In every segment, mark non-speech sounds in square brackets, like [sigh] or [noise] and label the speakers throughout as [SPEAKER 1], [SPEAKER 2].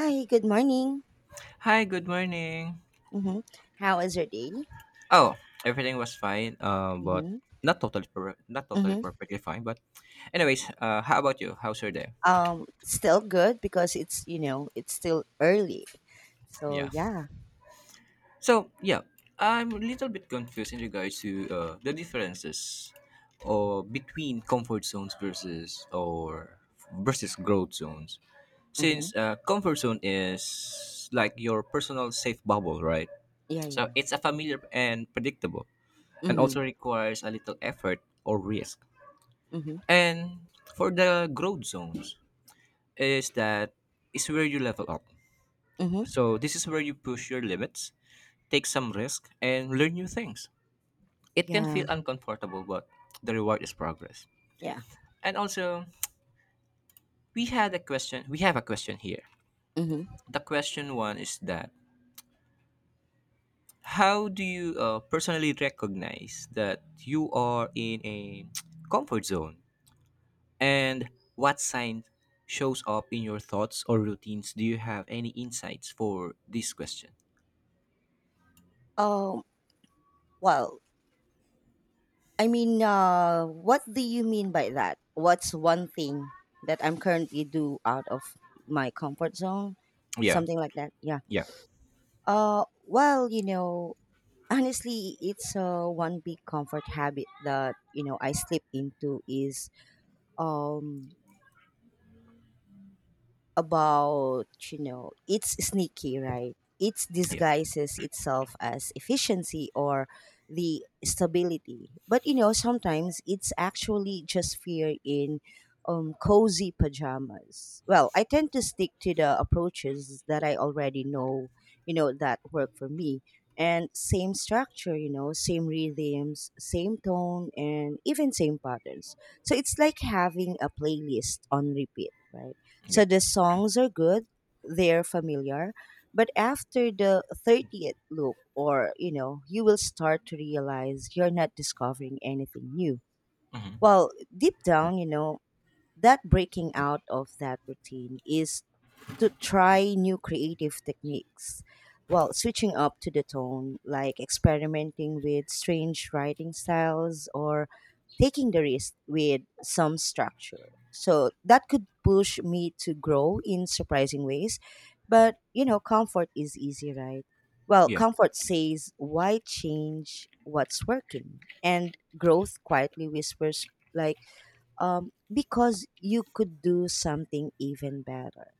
[SPEAKER 1] Hi, good morning.
[SPEAKER 2] Hi, good morning.
[SPEAKER 1] Mm-hmm. How is your day?
[SPEAKER 2] Oh, everything was fine, but
[SPEAKER 1] Mm-hmm.
[SPEAKER 2] not not totally
[SPEAKER 1] Mm-hmm.
[SPEAKER 2] perfectly fine. But, anyways, how about you? How's your day?
[SPEAKER 1] Still good because it's it's still early. So
[SPEAKER 2] Yeah.
[SPEAKER 1] yeah.
[SPEAKER 2] So yeah, I'm a little bit confused in regards to the differences or between comfort zones versus growth zones.
[SPEAKER 1] Mm-hmm.
[SPEAKER 2] Since comfort zone is like your personal safe bubble, right?
[SPEAKER 1] Yeah,
[SPEAKER 2] So
[SPEAKER 1] yeah.
[SPEAKER 2] it's a familiar and predictable, and
[SPEAKER 1] Mm-hmm.
[SPEAKER 2] also requires a little effort or risk.
[SPEAKER 1] Mm-hmm.
[SPEAKER 2] And for the growth zones is that is where you level up.
[SPEAKER 1] Mm-hmm.
[SPEAKER 2] So this is where you push your limits, take some risk, and learn new things. It can
[SPEAKER 1] Yeah,
[SPEAKER 2] feel uncomfortable, but the reward is progress.
[SPEAKER 1] yeah.
[SPEAKER 2] And also, we had a question. We have a question here.
[SPEAKER 1] Mm-hmm.
[SPEAKER 2] The question one is that how do you personally recognize that you are in a [tsk] comfort zone. And what sign shows up in your thoughts or routines? Do you have any insights for this question?
[SPEAKER 1] Um, well, I mean, what do you mean by that? What's one thing that I'm currently do out of my comfort zone?
[SPEAKER 2] Yeah,
[SPEAKER 1] Something like that. Yeah.
[SPEAKER 2] yeah,
[SPEAKER 1] Well, honestly it's one big comfort habit that I slip into is um about, it's sneaky, right? It
[SPEAKER 2] yeah,
[SPEAKER 1] disguises itself as efficiency or the stability. But, sometimes it's actually just fear in cozy pajamas. Well, I tend to stick to the approaches that I already know, that work for me. And same structure, same rhythms, same tone, and even same patterns. So it's like having a playlist on repeat, right?
[SPEAKER 2] yeah,
[SPEAKER 1] So the songs are good, they're familiar, but after the 30th loop, or you will start to realize you're not discovering anything new. Well, deep down, that breaking out of that routine is to try new creative techniques while switching up to the tone, like experimenting with strange writing styles or taking the risk with some structure. So that could push me to grow in surprising ways. But, comfort is easy, right? Well,
[SPEAKER 2] yeah,
[SPEAKER 1] comfort says, why change what's working? And growth quietly whispers, like, because you could do something even better.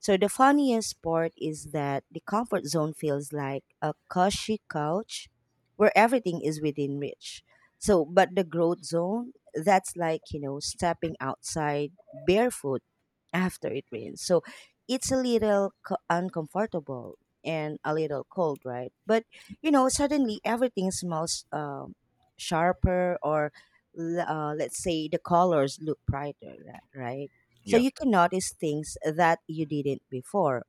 [SPEAKER 1] So the funniest part is that the comfort zone feels like a cushy couch where everything is within reach. But the growth zone, that's like, stepping outside barefoot after it rains. So it's a little uncomfortable and a little cold, right? But, suddenly everything smells sharper, or let's say, the colors look brighter, right? So
[SPEAKER 2] yeah,
[SPEAKER 1] you can notice things that you didn't before.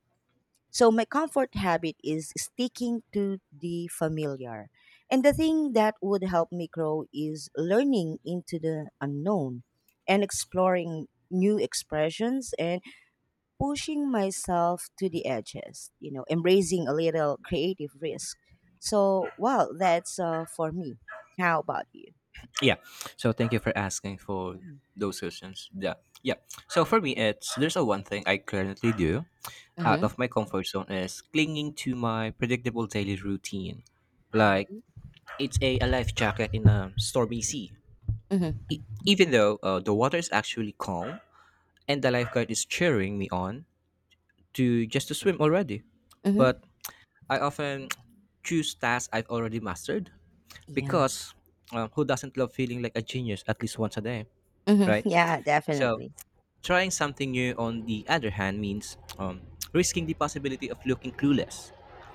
[SPEAKER 1] So my comfort habit is sticking to the familiar. And the thing that would help me grow is learning into the unknown and exploring new expressions and pushing myself to the edges, embracing a little creative risk. So, well, that's for me. How about you?
[SPEAKER 2] yeah. So thank you for asking for those questions. Yeah, yeah. So for me, it's there's a one thing I currently do out
[SPEAKER 1] Mm-hmm.
[SPEAKER 2] of my comfort zone is clinging to my predictable daily routine, like
[SPEAKER 1] Mm-hmm.
[SPEAKER 2] it's a life jacket in a stormy sea.
[SPEAKER 1] Mm-hmm.
[SPEAKER 2] Even though the water is actually calm and the lifeguard is cheering me on, to just to swim already.
[SPEAKER 1] Mm-hmm.
[SPEAKER 2] But I often [tsk] choose tasks I've already mastered
[SPEAKER 1] Yeah.
[SPEAKER 2] because who doesn't love feeling like a genius at least once a day, right?
[SPEAKER 1] Mm-hmm. [laughs] Yeah,
[SPEAKER 2] So
[SPEAKER 1] definitely.
[SPEAKER 2] trying something new on the other hand means risking the possibility of looking clueless,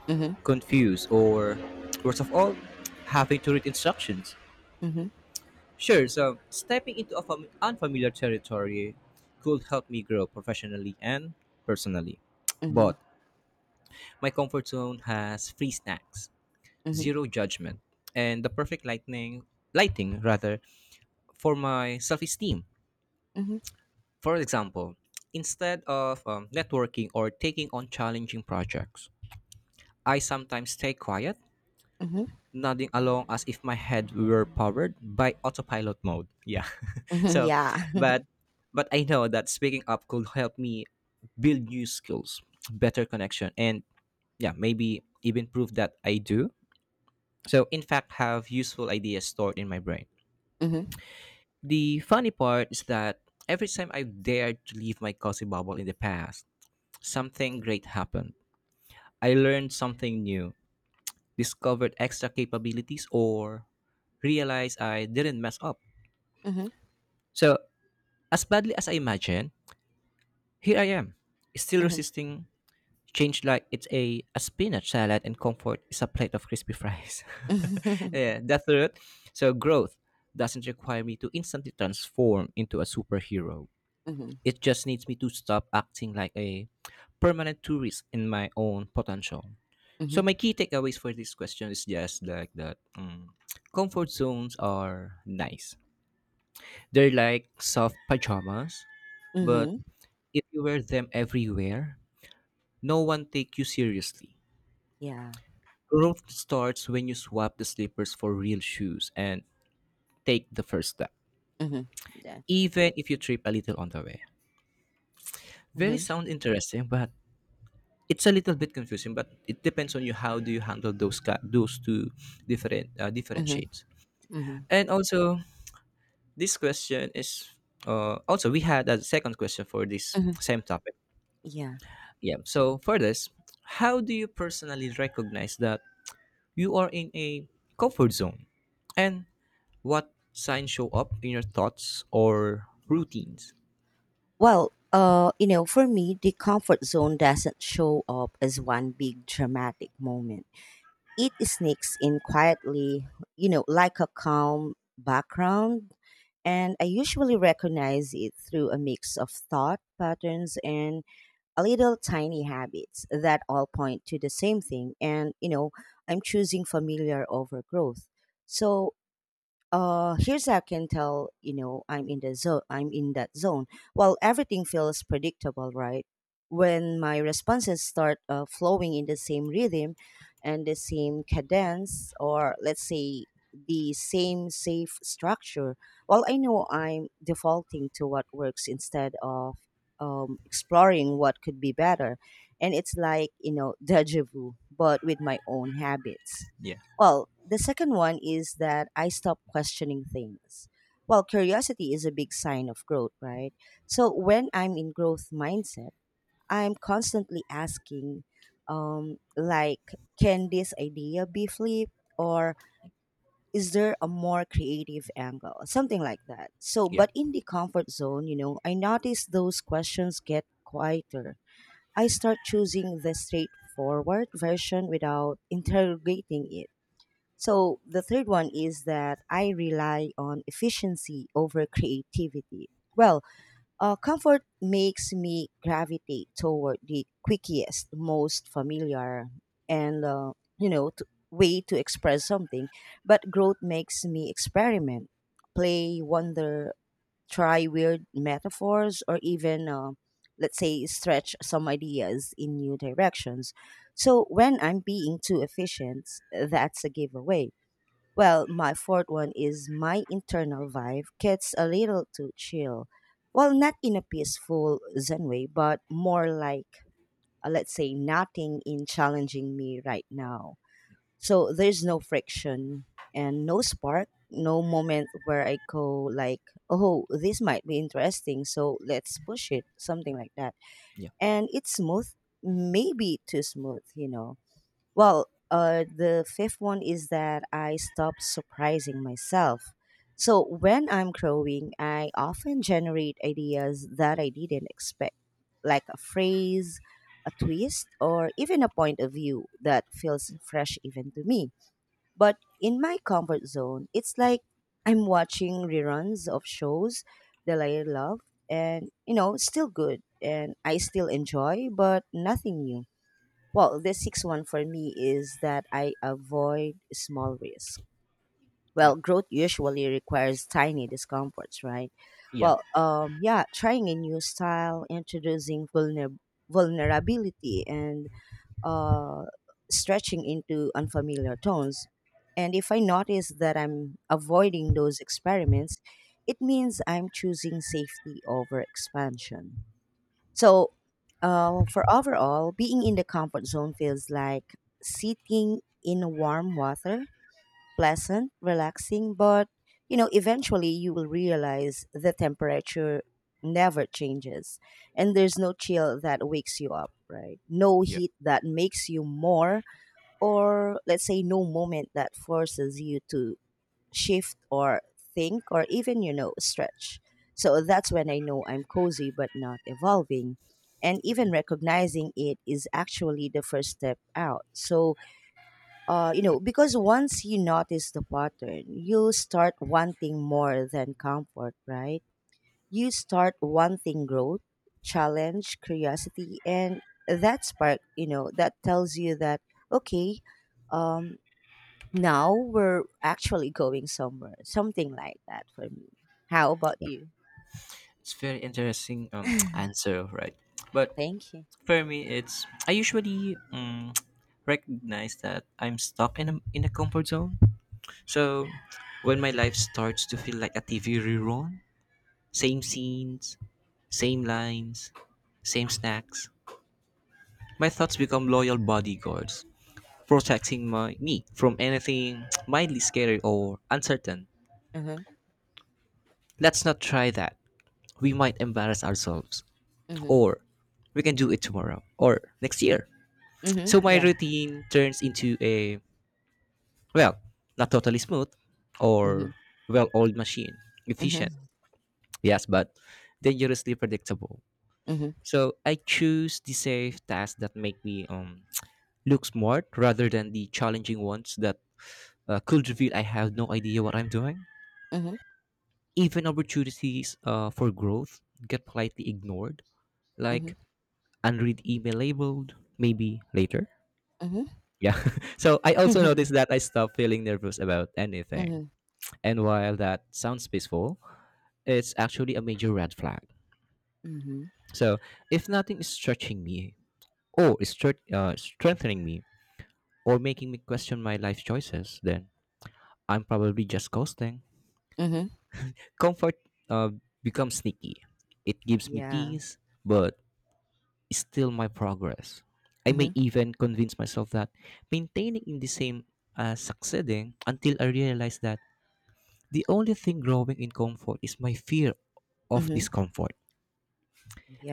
[SPEAKER 1] Mm-hmm.
[SPEAKER 2] confused, or worst of all, having to read instructions.
[SPEAKER 1] Mm-hmm.
[SPEAKER 2] Sure, so stepping into a unfamiliar territory could help me grow professionally and personally.
[SPEAKER 1] Mhm,
[SPEAKER 2] But my comfort zone has free snacks,
[SPEAKER 1] mhm,
[SPEAKER 2] zero judgment, and the perfect lightning lighting rather for my self-esteem.
[SPEAKER 1] mhm,
[SPEAKER 2] For example, instead of networking or taking on challenging projects, I sometimes stay quiet,
[SPEAKER 1] mhm,
[SPEAKER 2] nodding along as if my head were powered by autopilot mode. Yeah. [laughs]
[SPEAKER 1] mhm,
[SPEAKER 2] so,
[SPEAKER 1] yeah.
[SPEAKER 2] but I know that speaking up could help me build new skills, better connection, and yeah, maybe even prove that I do. So, in fact, have useful ideas stored in my brain.
[SPEAKER 1] [laughs] Mhm,
[SPEAKER 2] The funny part is that every time I dared to leave my cozy bubble in the past, something great happened. I learned something new, discovered extra capabilities, or realized I didn't mess up.
[SPEAKER 1] mhm,
[SPEAKER 2] So, as badly as I imagined, here I am, still
[SPEAKER 1] mhm,
[SPEAKER 2] resisting change like it's a spinach salad and comfort is a plate of crispy fries. [laughs] Yeah, that's it. So, growth doesn't require me to instantly transform into a superhero.
[SPEAKER 1] mhm,
[SPEAKER 2] It just needs me to stop acting like a permanent tourist in my own potential. So
[SPEAKER 1] mhm,
[SPEAKER 2] my key takeaways for this question is just like that. Comfort zones are nice. They're like soft pajamas, but
[SPEAKER 1] mhm, [laughs]
[SPEAKER 2] if you wear them everywhere, no one take you seriously.
[SPEAKER 1] yeah.
[SPEAKER 2] Growth starts when you swap the slippers for real shoes and take the first step,
[SPEAKER 1] Mhm, yeah.
[SPEAKER 2] even if you trip a little on the way. Very
[SPEAKER 1] Mhm,
[SPEAKER 2] sound interesting, but it's a little bit confusing but it depends on you how do you handle those two different different
[SPEAKER 1] mhm,
[SPEAKER 2] shades.
[SPEAKER 1] mhm,
[SPEAKER 2] And also this question is also we had a second question for this
[SPEAKER 1] mhm,
[SPEAKER 2] same topic.
[SPEAKER 1] yeah.
[SPEAKER 2] Yeah so for this, how do you personally recognize that you are in a comfort zone and what signs show up in your thoughts or routines?
[SPEAKER 1] Well, for me, the comfort zone doesn't show up as one big dramatic moment. It sneaks in quietly, like a calm background. And I usually recognize it through a mix of thought patterns and little tiny habits that all point to the same thing, and I'm choosing familiar over growth. So here's how I can tell. I'm in that zone. Well, everything feels predictable, right? When my responses start flowing in the same rhythm and the same cadence, or let's say the same safe structure, well I know I'm defaulting to what works instead of exploring what could be better. And it's like, [laughs] deja vu, but with my own habits.
[SPEAKER 2] Yeah,
[SPEAKER 1] Well, the second one is that I stop questioning things. Well, curiosity is a big sign of growth, right? So when I'm in growth mindset, I'm constantly asking, um, like, can this idea be flipped? Or is there a more creative angle? Something like that. So,
[SPEAKER 2] yeah,
[SPEAKER 1] but in the comfort zone, I notice those questions get quieter. I start choosing the straightforward version without interrogating it. So the third one is that I rely on efficiency over creativity. Well, comfort makes me gravitate toward the quickest, most familiar, and you know t- way to express something. But growth makes me experiment, play, wonder, try weird metaphors, or even let's say stretch some ideas in new directions. So when I'm being too efficient, that's a giveaway. Well, my fourth one is my internal vibe gets a little too chill. Well, not in a peaceful zen way, but more like, let's say, nothing in challenging me right now. So there's no friction and no spark, no moment where I go like, oh, this might be interesting, so let's push it, something like that.
[SPEAKER 2] yeah,
[SPEAKER 1] And it's smooth, maybe too smooth, well, the fifth one is that I stop surprising myself. So when I'm growing, I often generate ideas that I didn't expect, like a phrase, a twist, or even a point of view that feels fresh even to me. But in my comfort zone, it's like I'm watching reruns of shows that I love and, still good and I still enjoy, but nothing new. Well, the sixth one for me is that I avoid small risk.
[SPEAKER 2] yeah,
[SPEAKER 1] Well, growth usually requires tiny discomforts, right?
[SPEAKER 2] yeah,
[SPEAKER 1] Well, yeah, trying a new style, introducing vulnerability, and uh, stretching into unfamiliar tones. And if I notice that I'm avoiding those experiments, it means I'm choosing safety over expansion. So, for overall, being in the comfort zone feels like sitting in warm water, pleasant, relaxing, but eventually you will realize the temperature never changes and there's no chill that wakes you up, right? No
[SPEAKER 2] yeah.
[SPEAKER 1] heat that makes you more, or let's say, no moment that forces you to shift or think, or even stretch. So that's when I know I'm cozy but not evolving. And even recognizing it is actually the first step out. So because once you notice the pattern you start wanting more than comfort, right? You start wanting growth, challenge, curiosity, and that spark, that tells you that okay, um now we're actually going somewhere. Something like that for me. How about you?
[SPEAKER 2] It's very interesting [tsk]
[SPEAKER 1] [laughs]
[SPEAKER 2] answer, right? But
[SPEAKER 1] Thank you.
[SPEAKER 2] for me, it's I usually [tsk] recognize that I'm stuck in a comfort zone. So when my life starts to feel like a TV rerun, same scenes, same lines, same snacks, my thoughts become loyal bodyguards, protecting my me from anything [tsk] mildly scary or uncertain.
[SPEAKER 1] Mhm.
[SPEAKER 2] Let's not try that. We might embarrass ourselves,
[SPEAKER 1] Mhm.
[SPEAKER 2] or we can do it tomorrow or
[SPEAKER 1] Yeah.
[SPEAKER 2] next year. So
[SPEAKER 1] Mhm.
[SPEAKER 2] my
[SPEAKER 1] Yeah.
[SPEAKER 2] routine turns into a. Well, not totally smooth
[SPEAKER 1] Mhm.
[SPEAKER 2] or well old machine.
[SPEAKER 1] Mhm.
[SPEAKER 2] Efficient, yes, but dangerously predictable.
[SPEAKER 1] Mhm.
[SPEAKER 2] So I choose the safe tasks that make me [tsk] look smart rather than the challenging ones that could reveal I have no idea what I'm doing.
[SPEAKER 1] Mhm.
[SPEAKER 2] Even opportunities for growth get politely ignored,
[SPEAKER 1] Mhm.
[SPEAKER 2] like unread email labeled maybe later.
[SPEAKER 1] Mhm.
[SPEAKER 2] Yeah. [laughs] So I also noticed that I stopped feeling nervous about anything.
[SPEAKER 1] Mhm.
[SPEAKER 2] And while that sounds peaceful, it's actually a major red flag.
[SPEAKER 1] Mhm.
[SPEAKER 2] So if nothing is stretching me or strengthening me or making me question my life choices, then I'm probably just coasting.
[SPEAKER 1] Mhm. [laughs]
[SPEAKER 2] Comfort uh, becomes sneaky. It gives me
[SPEAKER 1] Yeah.
[SPEAKER 2] peace, but it's still my progress. I may
[SPEAKER 1] Mhm.
[SPEAKER 2] even convince myself that maintaining in the same as succeeding until I realize that the only thing growing in comfort is my fear of
[SPEAKER 1] Mhm.
[SPEAKER 2] discomfort.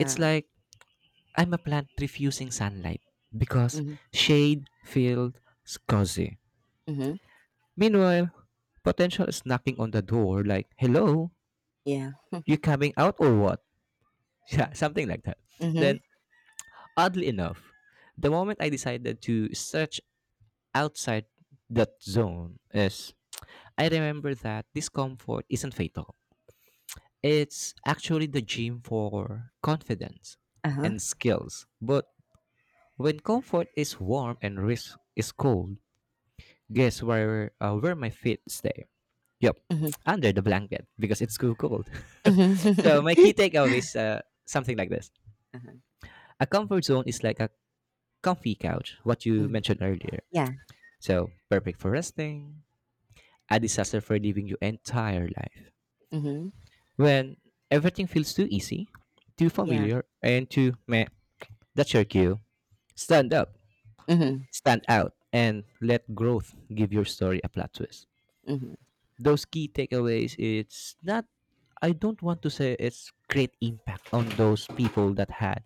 [SPEAKER 2] It's like I'm a plant refusing sunlight because
[SPEAKER 1] Mhm.
[SPEAKER 2] shade feels cozy.
[SPEAKER 1] Mhm.
[SPEAKER 2] Meanwhile, potential is knocking on the door like, hello,
[SPEAKER 1] Yeah.
[SPEAKER 2] you coming out or what? [laughs] Yeah, something like that.
[SPEAKER 1] Mhm.
[SPEAKER 2] Then, oddly enough, the moment I decided to search outside that zone is I remember that discomfort isn't fatal. It's actually the gym for confidence
[SPEAKER 1] Uh-huh.
[SPEAKER 2] and skills. But when comfort is warm and risk is cold, guess where my feet stay? Yep,
[SPEAKER 1] Mhm.
[SPEAKER 2] under the blanket because it's too cold.
[SPEAKER 1] Mhm.
[SPEAKER 2] [laughs] So my key
[SPEAKER 1] [laughs]
[SPEAKER 2] takeaway is something like this:
[SPEAKER 1] Uh-huh.
[SPEAKER 2] a comfort zone is like a comfy couch, what you
[SPEAKER 1] Mhm.
[SPEAKER 2] mentioned earlier.
[SPEAKER 1] Yeah.
[SPEAKER 2] So perfect for resting, a disaster for living your entire life.
[SPEAKER 1] Mhm.
[SPEAKER 2] When everything feels too easy, too
[SPEAKER 1] Yeah.
[SPEAKER 2] familiar, and too meh, that's your cue. Stand up,
[SPEAKER 1] Mhm.
[SPEAKER 2] stand out, and let growth give your story a plot twist.
[SPEAKER 1] Mhm.
[SPEAKER 2] Those key takeaways it's not, I don't want to say it's great impact on those people that had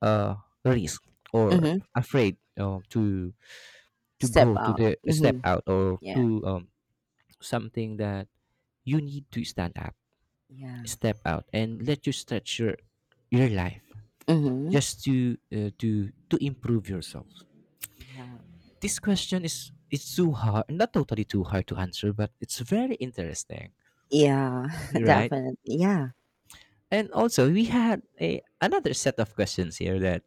[SPEAKER 2] uh risk or
[SPEAKER 1] Mhm.
[SPEAKER 2] afraid to
[SPEAKER 1] Step
[SPEAKER 2] go to
[SPEAKER 1] out.
[SPEAKER 2] the step
[SPEAKER 1] Mhm.
[SPEAKER 2] out or
[SPEAKER 1] Yeah.
[SPEAKER 2] to something that you need to stand up,
[SPEAKER 1] Yeah.
[SPEAKER 2] step out and let you stretch your life
[SPEAKER 1] Mhm.
[SPEAKER 2] just to to improve yourself.
[SPEAKER 1] Yeah.
[SPEAKER 2] This question is it's too hard, not totally too hard to answer but it's very interesting,
[SPEAKER 1] Yeah, [laughs]
[SPEAKER 2] right?
[SPEAKER 1] definitely. Yeah.
[SPEAKER 2] And also, we had a another set of questions here. That,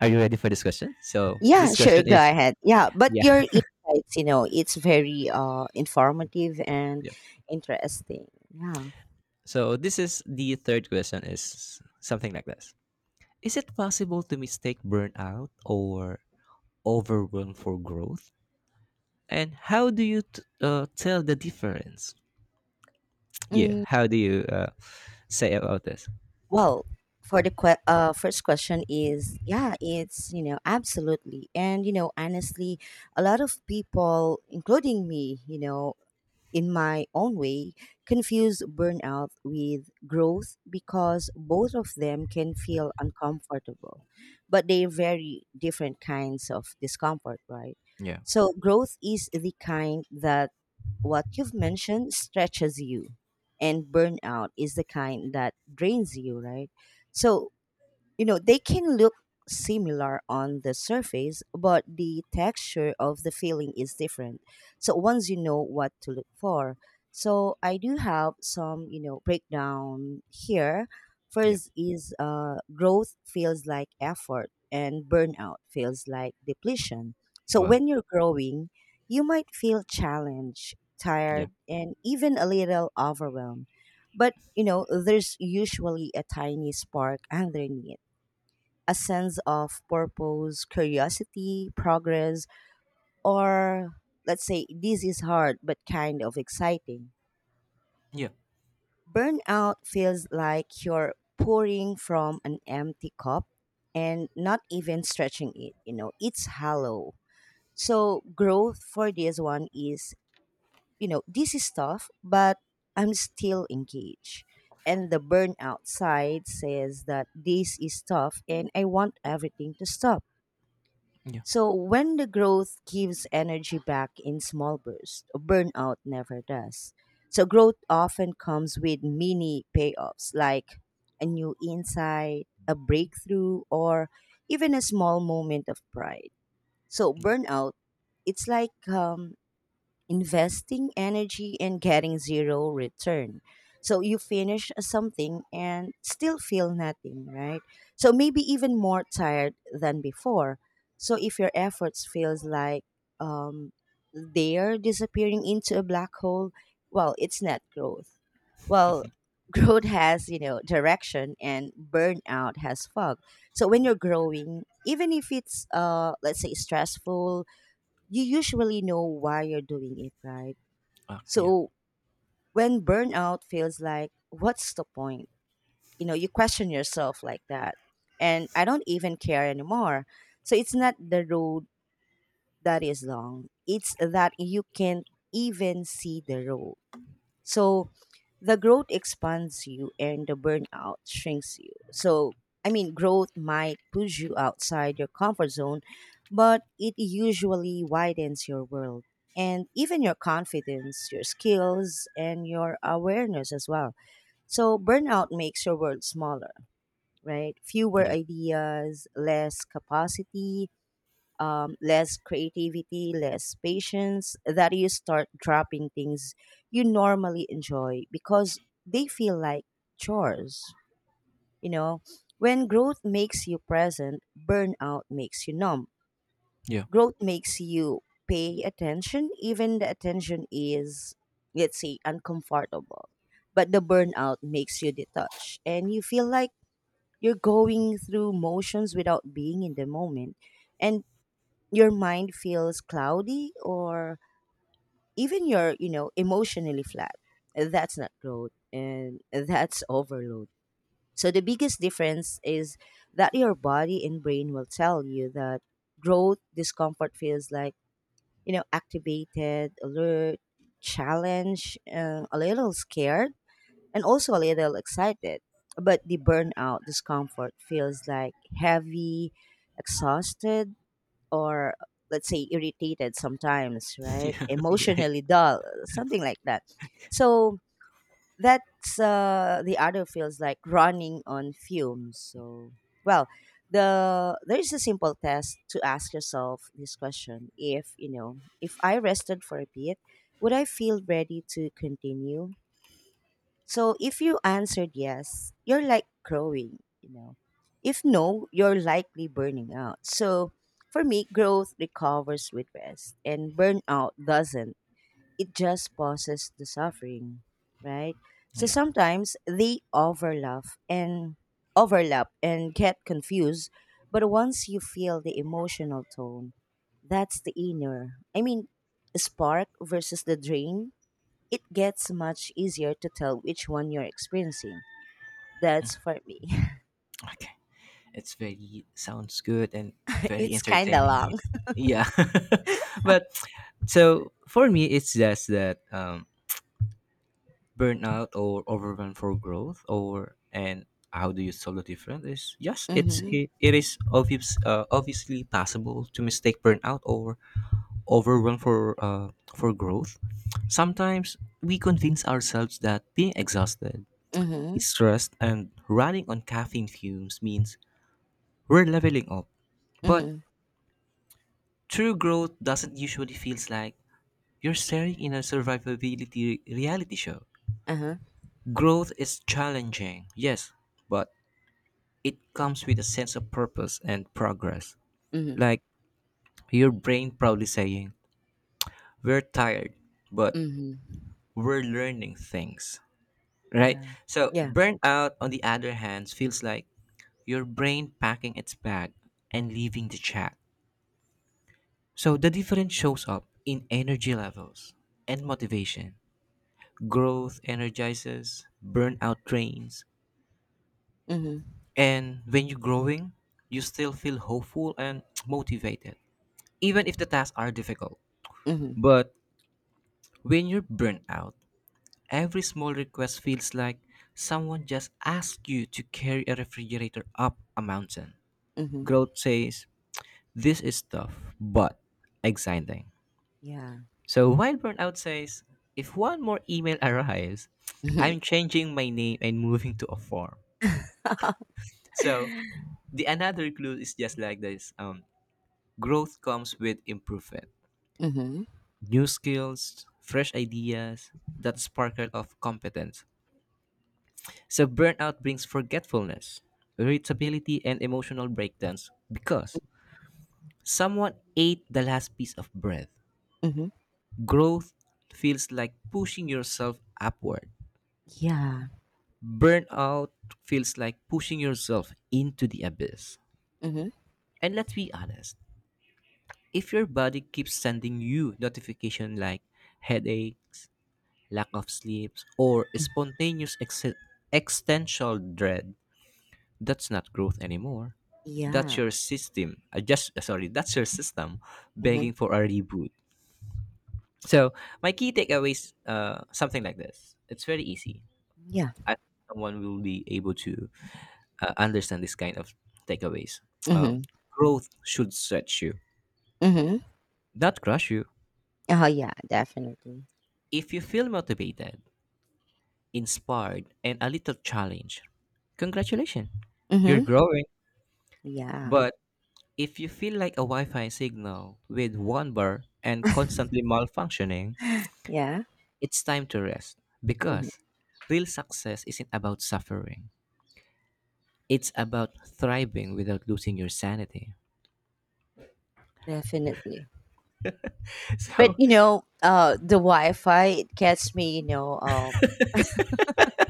[SPEAKER 2] are you ready for this question? So
[SPEAKER 1] Yeah,
[SPEAKER 2] this
[SPEAKER 1] sure,
[SPEAKER 2] question
[SPEAKER 1] go
[SPEAKER 2] is,
[SPEAKER 1] ahead. Yeah, but
[SPEAKER 2] yeah,
[SPEAKER 1] your insights, it's very informative
[SPEAKER 2] [laughs]
[SPEAKER 1] and
[SPEAKER 2] yeah.
[SPEAKER 1] interesting. Yeah.
[SPEAKER 2] So this is the third question is something like this: is it possible to mistake burnout or overwhelm for growth? And how do you tell the difference? Yeah,
[SPEAKER 1] Mm.
[SPEAKER 2] how do you say about this?
[SPEAKER 1] Well, for the first question is yeah, it's absolutely, and honestly, a lot of people, including me, in my own way, confuse burnout with growth because both of them can feel uncomfortable, but they're very different kinds of discomfort, right?
[SPEAKER 2] Yeah,
[SPEAKER 1] So, growth is the kind that what you've mentioned stretches you, and burnout is the kind that drains you, right? So, they can look similar on the surface but the texture of the feeling is different. So once you know what to look for, so I do have some breakdown here.
[SPEAKER 2] yeah.
[SPEAKER 1] First is growth feels like effort and burnout feels like depletion. So
[SPEAKER 2] Well,
[SPEAKER 1] when you're growing you might feel challenged,
[SPEAKER 2] yeah,
[SPEAKER 1] tired, and even a little overwhelmed, but there's usually a tiny spark [laughs] underneath, a sense of purpose, curiosity, progress, or let's say this is hard but kind of exciting.
[SPEAKER 2] yeah,
[SPEAKER 1] Burnout feels like you're pouring from an empty cup and not even stretching it, it's hollow. So growth for this one is, this is tough, but I'm still engaged. And the burnout side says that this is tough and I want everything to stop.
[SPEAKER 2] yeah,
[SPEAKER 1] So when the growth gives energy back in small bursts, burnout never does. So growth often comes with mini payoffs like a new insight, a breakthrough, or even a small moment of pride. So
[SPEAKER 2] yeah,
[SPEAKER 1] burnout, it's like investing energy and getting zero return. So you finish something and still feel nothing, right? So maybe even more tired than before. So if your efforts feels like um, they're disappearing into a black hole, well, it's not growth. Well, [laughs] growth has direction and burnout has fog. So when you're growing, even if it's let's say stressful, you usually know why you're doing it, right?
[SPEAKER 2] yeah,
[SPEAKER 1] So when burnout feels like, what's the point? You question yourself like that. And I don't even care anymore. So it's not the road that is long, it's that you can't even see the road. So the growth expands you and the burnout shrinks you. So, I mean, growth might push you outside your comfort zone, but it usually widens your world and even your confidence, your skills, and your awareness as well. So, burnout makes your world smaller, right? Fewer
[SPEAKER 2] yeah,
[SPEAKER 1] ideas, less capacity, less creativity, less patience, that you start dropping things you normally enjoy because they feel like chores. You know, when growth makes you present, burnout makes you numb.
[SPEAKER 2] yeah,
[SPEAKER 1] Growth makes you pay attention, even the attention is, let's say, uncomfortable. But the burnout makes you detached and you feel like you're going through motions without being in the moment. And your mind feels cloudy or even you're emotionally flat. That's not growth and that's overload. So the biggest difference is that your body and brain will tell you that growth discomfort feels like activated alert, challenge, a little scared and also a little excited. But the burnout discomfort feels like heavy, exhausted, or let's say irritated sometimes,
[SPEAKER 2] [laughs]
[SPEAKER 1] right?
[SPEAKER 2] yeah, yeah.
[SPEAKER 1] Emotionally dull, something like that. So that's the other feels like running on fumes. So well, there is a simple test to ask yourself this question: If you know, if I rested for a bit, would I feel ready to continue? So if you answered yes, you're like growing, you know. If no, you're likely burning out. So for me, growth recovers with rest and burnout doesn't. It just pauses the suffering, right? So
[SPEAKER 2] Yeah.
[SPEAKER 1] sometimes they overlap and get confused, but once you feel the emotional tone, that's the inner, I mean, spark versus the drain, it gets much easier to tell which one you're experiencing. That's for me.
[SPEAKER 2] Okay. It's very sounds good and
[SPEAKER 1] [laughs]
[SPEAKER 2] very
[SPEAKER 1] It's kind of
[SPEAKER 2] entertaining.
[SPEAKER 1] long.
[SPEAKER 2] Yeah. [laughs] But so for me it's just that burnout or overwhelm for growth or and how do you solve the difference is yes
[SPEAKER 1] Mm-hmm.
[SPEAKER 2] it is obviously possible to mistake burnout or overwhelm for growth. Sometimes we convince ourselves that being exhausted,
[SPEAKER 1] Mm-hmm.
[SPEAKER 2] stressed and running on caffeine fumes means we're leveling up, but
[SPEAKER 1] Mm-hmm.
[SPEAKER 2] true growth doesn't usually feel like you're staring in a survivability reality show.
[SPEAKER 1] Uh-huh.
[SPEAKER 2] Growth is challenging, yes, but it comes with a sense of purpose and progress.
[SPEAKER 1] Mm-hmm.
[SPEAKER 2] Like your brain probably saying, "We're tired, but
[SPEAKER 1] Mm-hmm.
[SPEAKER 2] we're learning things." Right?
[SPEAKER 1] Yeah.
[SPEAKER 2] So,
[SPEAKER 1] Yeah.
[SPEAKER 2] burnout on the other hand feels like your brain packing its bag and leaving the chat. So, the difference shows up in energy levels and motivation. Growth energizes, burnout drains.
[SPEAKER 1] Mm-hmm.
[SPEAKER 2] And when you're growing, you still feel hopeful and [tsk] motivated, even if the tasks are difficult.
[SPEAKER 1] Mm-hmm.
[SPEAKER 2] But when you're burnt out, every small request feels like someone just asked you to carry a refrigerator up a mountain.
[SPEAKER 1] Mm-hmm.
[SPEAKER 2] Growth says, this is tough, but exciting.
[SPEAKER 1] Yeah.
[SPEAKER 2] So while burnout says, if one more email [laughs] arrives,
[SPEAKER 1] Mm-hmm.
[SPEAKER 2] I'm changing my name and moving to a farm.
[SPEAKER 1] [laughs]
[SPEAKER 2] So the another clue is just like this. Growth comes with improvement,
[SPEAKER 1] Mm-hmm.
[SPEAKER 2] new skills, fresh ideas, that sparkle of competence. So burnout brings forgetfulness, irritability, and emotional breakdowns because someone ate the last piece of bread.
[SPEAKER 1] Mm-hmm.
[SPEAKER 2] Growth feels like pushing yourself upward.
[SPEAKER 1] Yeah.
[SPEAKER 2] Burnout feels like pushing yourself into the abyss.
[SPEAKER 1] Mm-hmm.
[SPEAKER 2] And let's be honest, if your body keeps sending you notification like headaches, lack of sleep, or spontaneous existential dread, that's not growth anymore. That's
[SPEAKER 1] Yeah.
[SPEAKER 2] your system. That's your system
[SPEAKER 1] Mm-hmm.
[SPEAKER 2] begging for a reboot. So my key takeaways, something like this. It's very easy.
[SPEAKER 1] Yeah.
[SPEAKER 2] I think someone will be able to understand this kind of takeaways. Um,
[SPEAKER 1] Mm-hmm.
[SPEAKER 2] Growth should stretch you,
[SPEAKER 1] Mm-hmm.
[SPEAKER 2] not crush you.
[SPEAKER 1] Oh yeah, definitely.
[SPEAKER 2] If you feel motivated, inspired, and a little challenge. Congratulations, you're
[SPEAKER 1] Mm-hmm.
[SPEAKER 2] growing.
[SPEAKER 1] Yeah.
[SPEAKER 2] But if you feel like a Wi Fi signal with one bar and constantly malfunctioning,
[SPEAKER 1] Yeah.
[SPEAKER 2] it's time to rest
[SPEAKER 1] Mm-hmm.
[SPEAKER 2] because real success isn't about suffering, it's about thriving without losing your sanity.
[SPEAKER 1] Definitely.
[SPEAKER 2] [laughs]
[SPEAKER 1] But
[SPEAKER 2] So,
[SPEAKER 1] the Wi-Fi, it gets me. You know,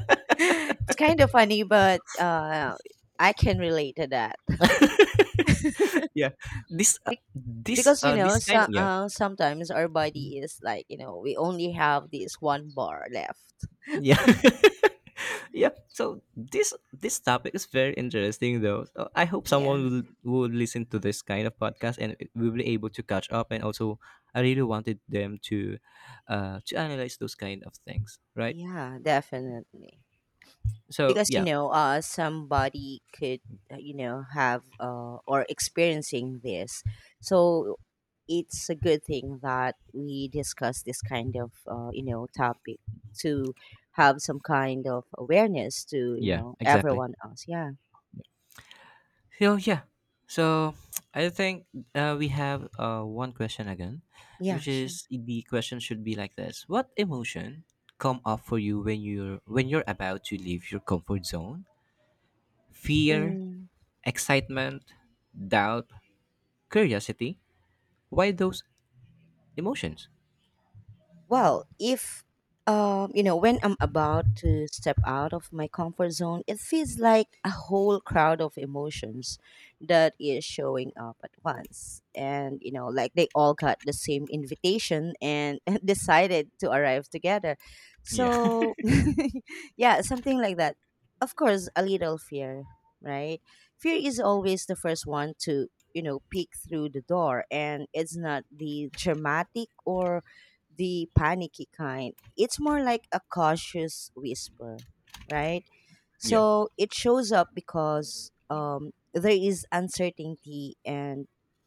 [SPEAKER 1] [gasps] [laughs] it's kind of funny, but I can relate to that.
[SPEAKER 2] [laughs]
[SPEAKER 1] [laughs]
[SPEAKER 2] yeah,
[SPEAKER 1] Be- because
[SPEAKER 2] this kind
[SPEAKER 1] so,
[SPEAKER 2] of, yeah,
[SPEAKER 1] sometimes our body is like we only have this one bar left.
[SPEAKER 2] yeah. [laughs] Yeah so this topic is very interesting though, so I hope
[SPEAKER 1] Yeah,
[SPEAKER 2] someone will listen to this kind of podcast and we will be able to catch up and also I really wanted them to analyze those kind of things, right?
[SPEAKER 1] yeah, definitely.
[SPEAKER 2] So
[SPEAKER 1] Because
[SPEAKER 2] yeah,
[SPEAKER 1] somebody could have or experiencing this. So it's a good thing that we discuss this kind of topic to have some kind of awareness to
[SPEAKER 2] yeah exactly.
[SPEAKER 1] everyone else. Yeah.
[SPEAKER 2] So yeah, so I think we have one question again,
[SPEAKER 1] Yeah,
[SPEAKER 2] which
[SPEAKER 1] sure.
[SPEAKER 2] is the question should be like this: what emotion come up for you when you're about to leave your comfort zone, fear,
[SPEAKER 1] Mm.
[SPEAKER 2] excitement, doubt, curiosity. Why those emotions?
[SPEAKER 1] Well, if you know, when I'm about to step out of my comfort zone, it feels like a whole crowd of emotions that is showing up at once. And, you know, like they all got the same invitation and [laughs] decided to arrive together.
[SPEAKER 2] Yeah. [laughs]
[SPEAKER 1] So, [laughs] yeah, something like that. Of course, a little fear, right? Fear is always the first one to, peek through the door, and it's not the dramatic or the panicky kind. It's more like a cautious whisper, right?
[SPEAKER 2] Yeah.
[SPEAKER 1] So it shows up because there is uncertainty, and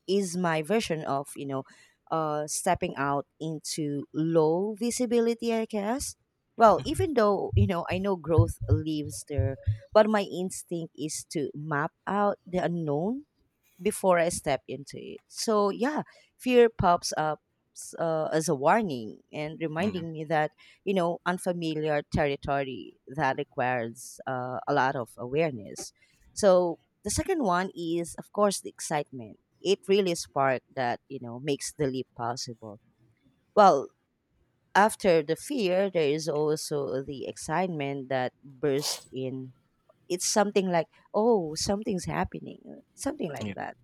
[SPEAKER 1] is my version of, stepping out into low visibility, I guess. Well, even though, I know growth lives there, but my instinct is to map out the unknown before I step into it. So, yeah, fear pops up as a warning and
[SPEAKER 2] Mm.
[SPEAKER 1] reminding me that, unfamiliar territory that requires a lot of awareness. So, the second one is, of course, the excitement. It really spark that, makes the leap possible. Well, after the fear, there is also the excitement that bursts in. It's something like, oh, something's happening, something like
[SPEAKER 2] Yeah.
[SPEAKER 1] that.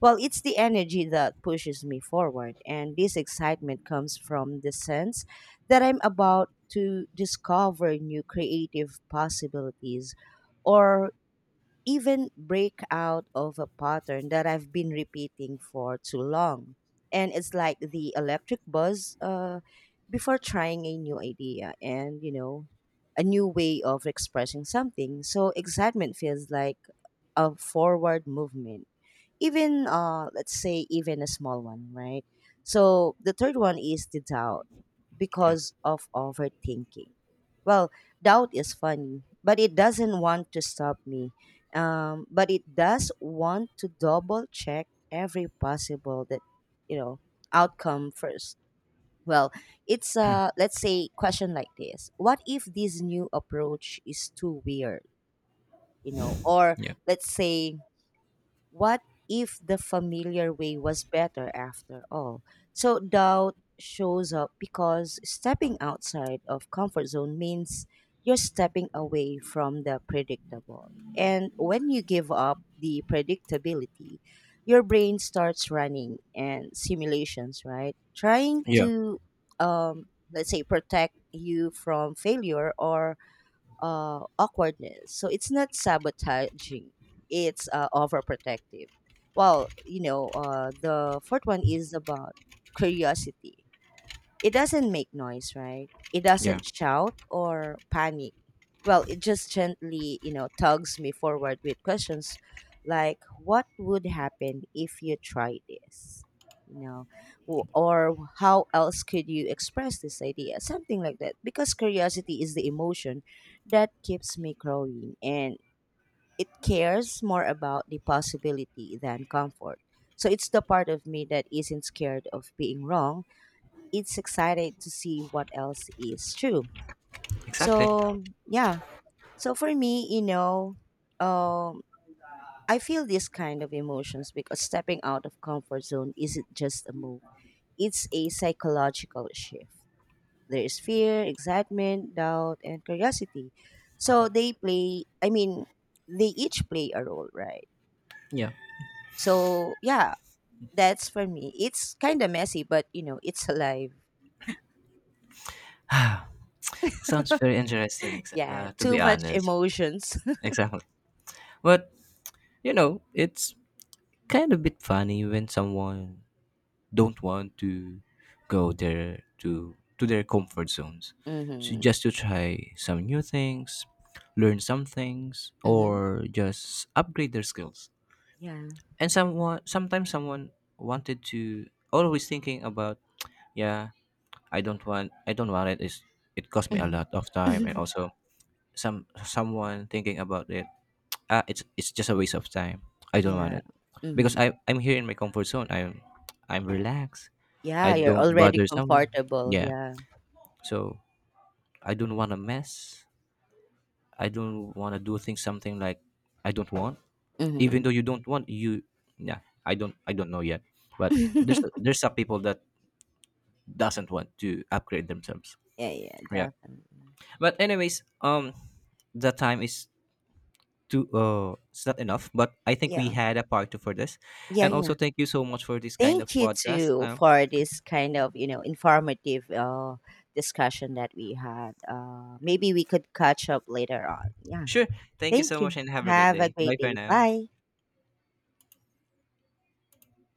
[SPEAKER 1] Well, it's the energy that pushes me forward, and this excitement comes from the sense that I'm about to discover new creative possibilities or even break out of a pattern that I've been repeating for too long. And it's like the electric buzz before trying a new idea and, you know, a new way of expressing something. So excitement feels like a forward movement, even let's say even a small one, right? So the third one is the doubt
[SPEAKER 2] Yeah.
[SPEAKER 1] because of overthinking. Well, doubt is funny, but it doesn't want to stop me, but it does want to double check every possible that you know outcome first. Well, it's let's say question like this: what if this new approach is too weird or
[SPEAKER 2] Yeah.
[SPEAKER 1] let's say what if the familiar way was better after all? So doubt shows up because stepping outside of comfort zone means you're stepping away from the predictable. And when you give up the predictability, your brain starts running and simulations, right? Trying
[SPEAKER 2] Yeah.
[SPEAKER 1] to, um, let's say, protect you from failure or awkwardness. So it's not sabotaging; it's overprotective. Well, the fourth one is about curiosity. It doesn't make noise, right? It
[SPEAKER 2] Yeah.
[SPEAKER 1] doesn't shout or panic. Well, it just gently, tugs me forward with questions like, what would happen if you try this? You know, or how else could you express this idea? Something like that. Because curiosity is the emotion that keeps me growing, and it cares more about the possibility than comfort. So it's the part of me that isn't scared of being wrong, it's excited to see what else is true.
[SPEAKER 2] Exactly.
[SPEAKER 1] So yeah. So for meum, I feel this kind of emotions because stepping out of comfort zone isn't just a move; it's a psychological shift. There is fear, excitement, doubt, and curiosity. So they play, I mean, they each play a role, right?
[SPEAKER 2] Yeah.
[SPEAKER 1] So yeah, that's for me. It's kind of messy, but you know, it's alive.
[SPEAKER 2] Sounds
[SPEAKER 1] [laughs]
[SPEAKER 2] very interesting, ex-
[SPEAKER 1] Yeah,
[SPEAKER 2] uh, to
[SPEAKER 1] too
[SPEAKER 2] be
[SPEAKER 1] much
[SPEAKER 2] honest.
[SPEAKER 1] emotions.
[SPEAKER 2] Exactly. But you know, it's kind of a bit funny when someone don't want to go there to their comfort zones,
[SPEAKER 1] [laughs]
[SPEAKER 2] to,
[SPEAKER 1] Hmm.
[SPEAKER 2] just to try some new things, learn some things,
[SPEAKER 1] Mhm.
[SPEAKER 2] or just upgrade their skills.
[SPEAKER 1] Yeah.
[SPEAKER 2] And someone sometimes someone wanted to always thinking about, yeah, I don't want it, it's, it cost me a
[SPEAKER 1] Mhm.
[SPEAKER 2] lot of time and
[SPEAKER 1] [laughs]
[SPEAKER 2] also someone thinking about it, ah it's just a waste of time, I don't want
[SPEAKER 1] Yeah.
[SPEAKER 2] it. Because
[SPEAKER 1] Mhm.
[SPEAKER 2] I'm here in my comfort zone, I'm relaxed, I
[SPEAKER 1] Yeah, you're
[SPEAKER 2] don't
[SPEAKER 1] already
[SPEAKER 2] bother someone,
[SPEAKER 1] comfortable,
[SPEAKER 2] yeah.
[SPEAKER 1] yeah.
[SPEAKER 2] So I don't want to mess, I don't want to do things something like I don't want, even
[SPEAKER 1] Mhm.
[SPEAKER 2] though you don't want you, yeah, I don't know yet. But
[SPEAKER 1] [laughs]
[SPEAKER 2] there's some people that doesn't want to upgrade themselves,
[SPEAKER 1] Yeah, yeah,
[SPEAKER 2] yeah.
[SPEAKER 1] definitely.
[SPEAKER 2] But anyways, the time is too it's not enough, but I think we
[SPEAKER 1] Yeah.
[SPEAKER 2] had a part two for this.
[SPEAKER 1] Yeah,
[SPEAKER 2] And also
[SPEAKER 1] yeah.
[SPEAKER 2] thank you so much for this kind of
[SPEAKER 1] Thank you
[SPEAKER 2] podcast.
[SPEAKER 1] too for this kind of, you know, informative discussion that we had. Maybe we could catch up later on. Yeah.
[SPEAKER 2] Sure, thank you
[SPEAKER 1] Thank
[SPEAKER 2] so
[SPEAKER 1] you.
[SPEAKER 2] much and have a great
[SPEAKER 1] Have a
[SPEAKER 2] day,
[SPEAKER 1] great
[SPEAKER 2] bye for
[SPEAKER 1] day.
[SPEAKER 2] now.
[SPEAKER 1] Bye.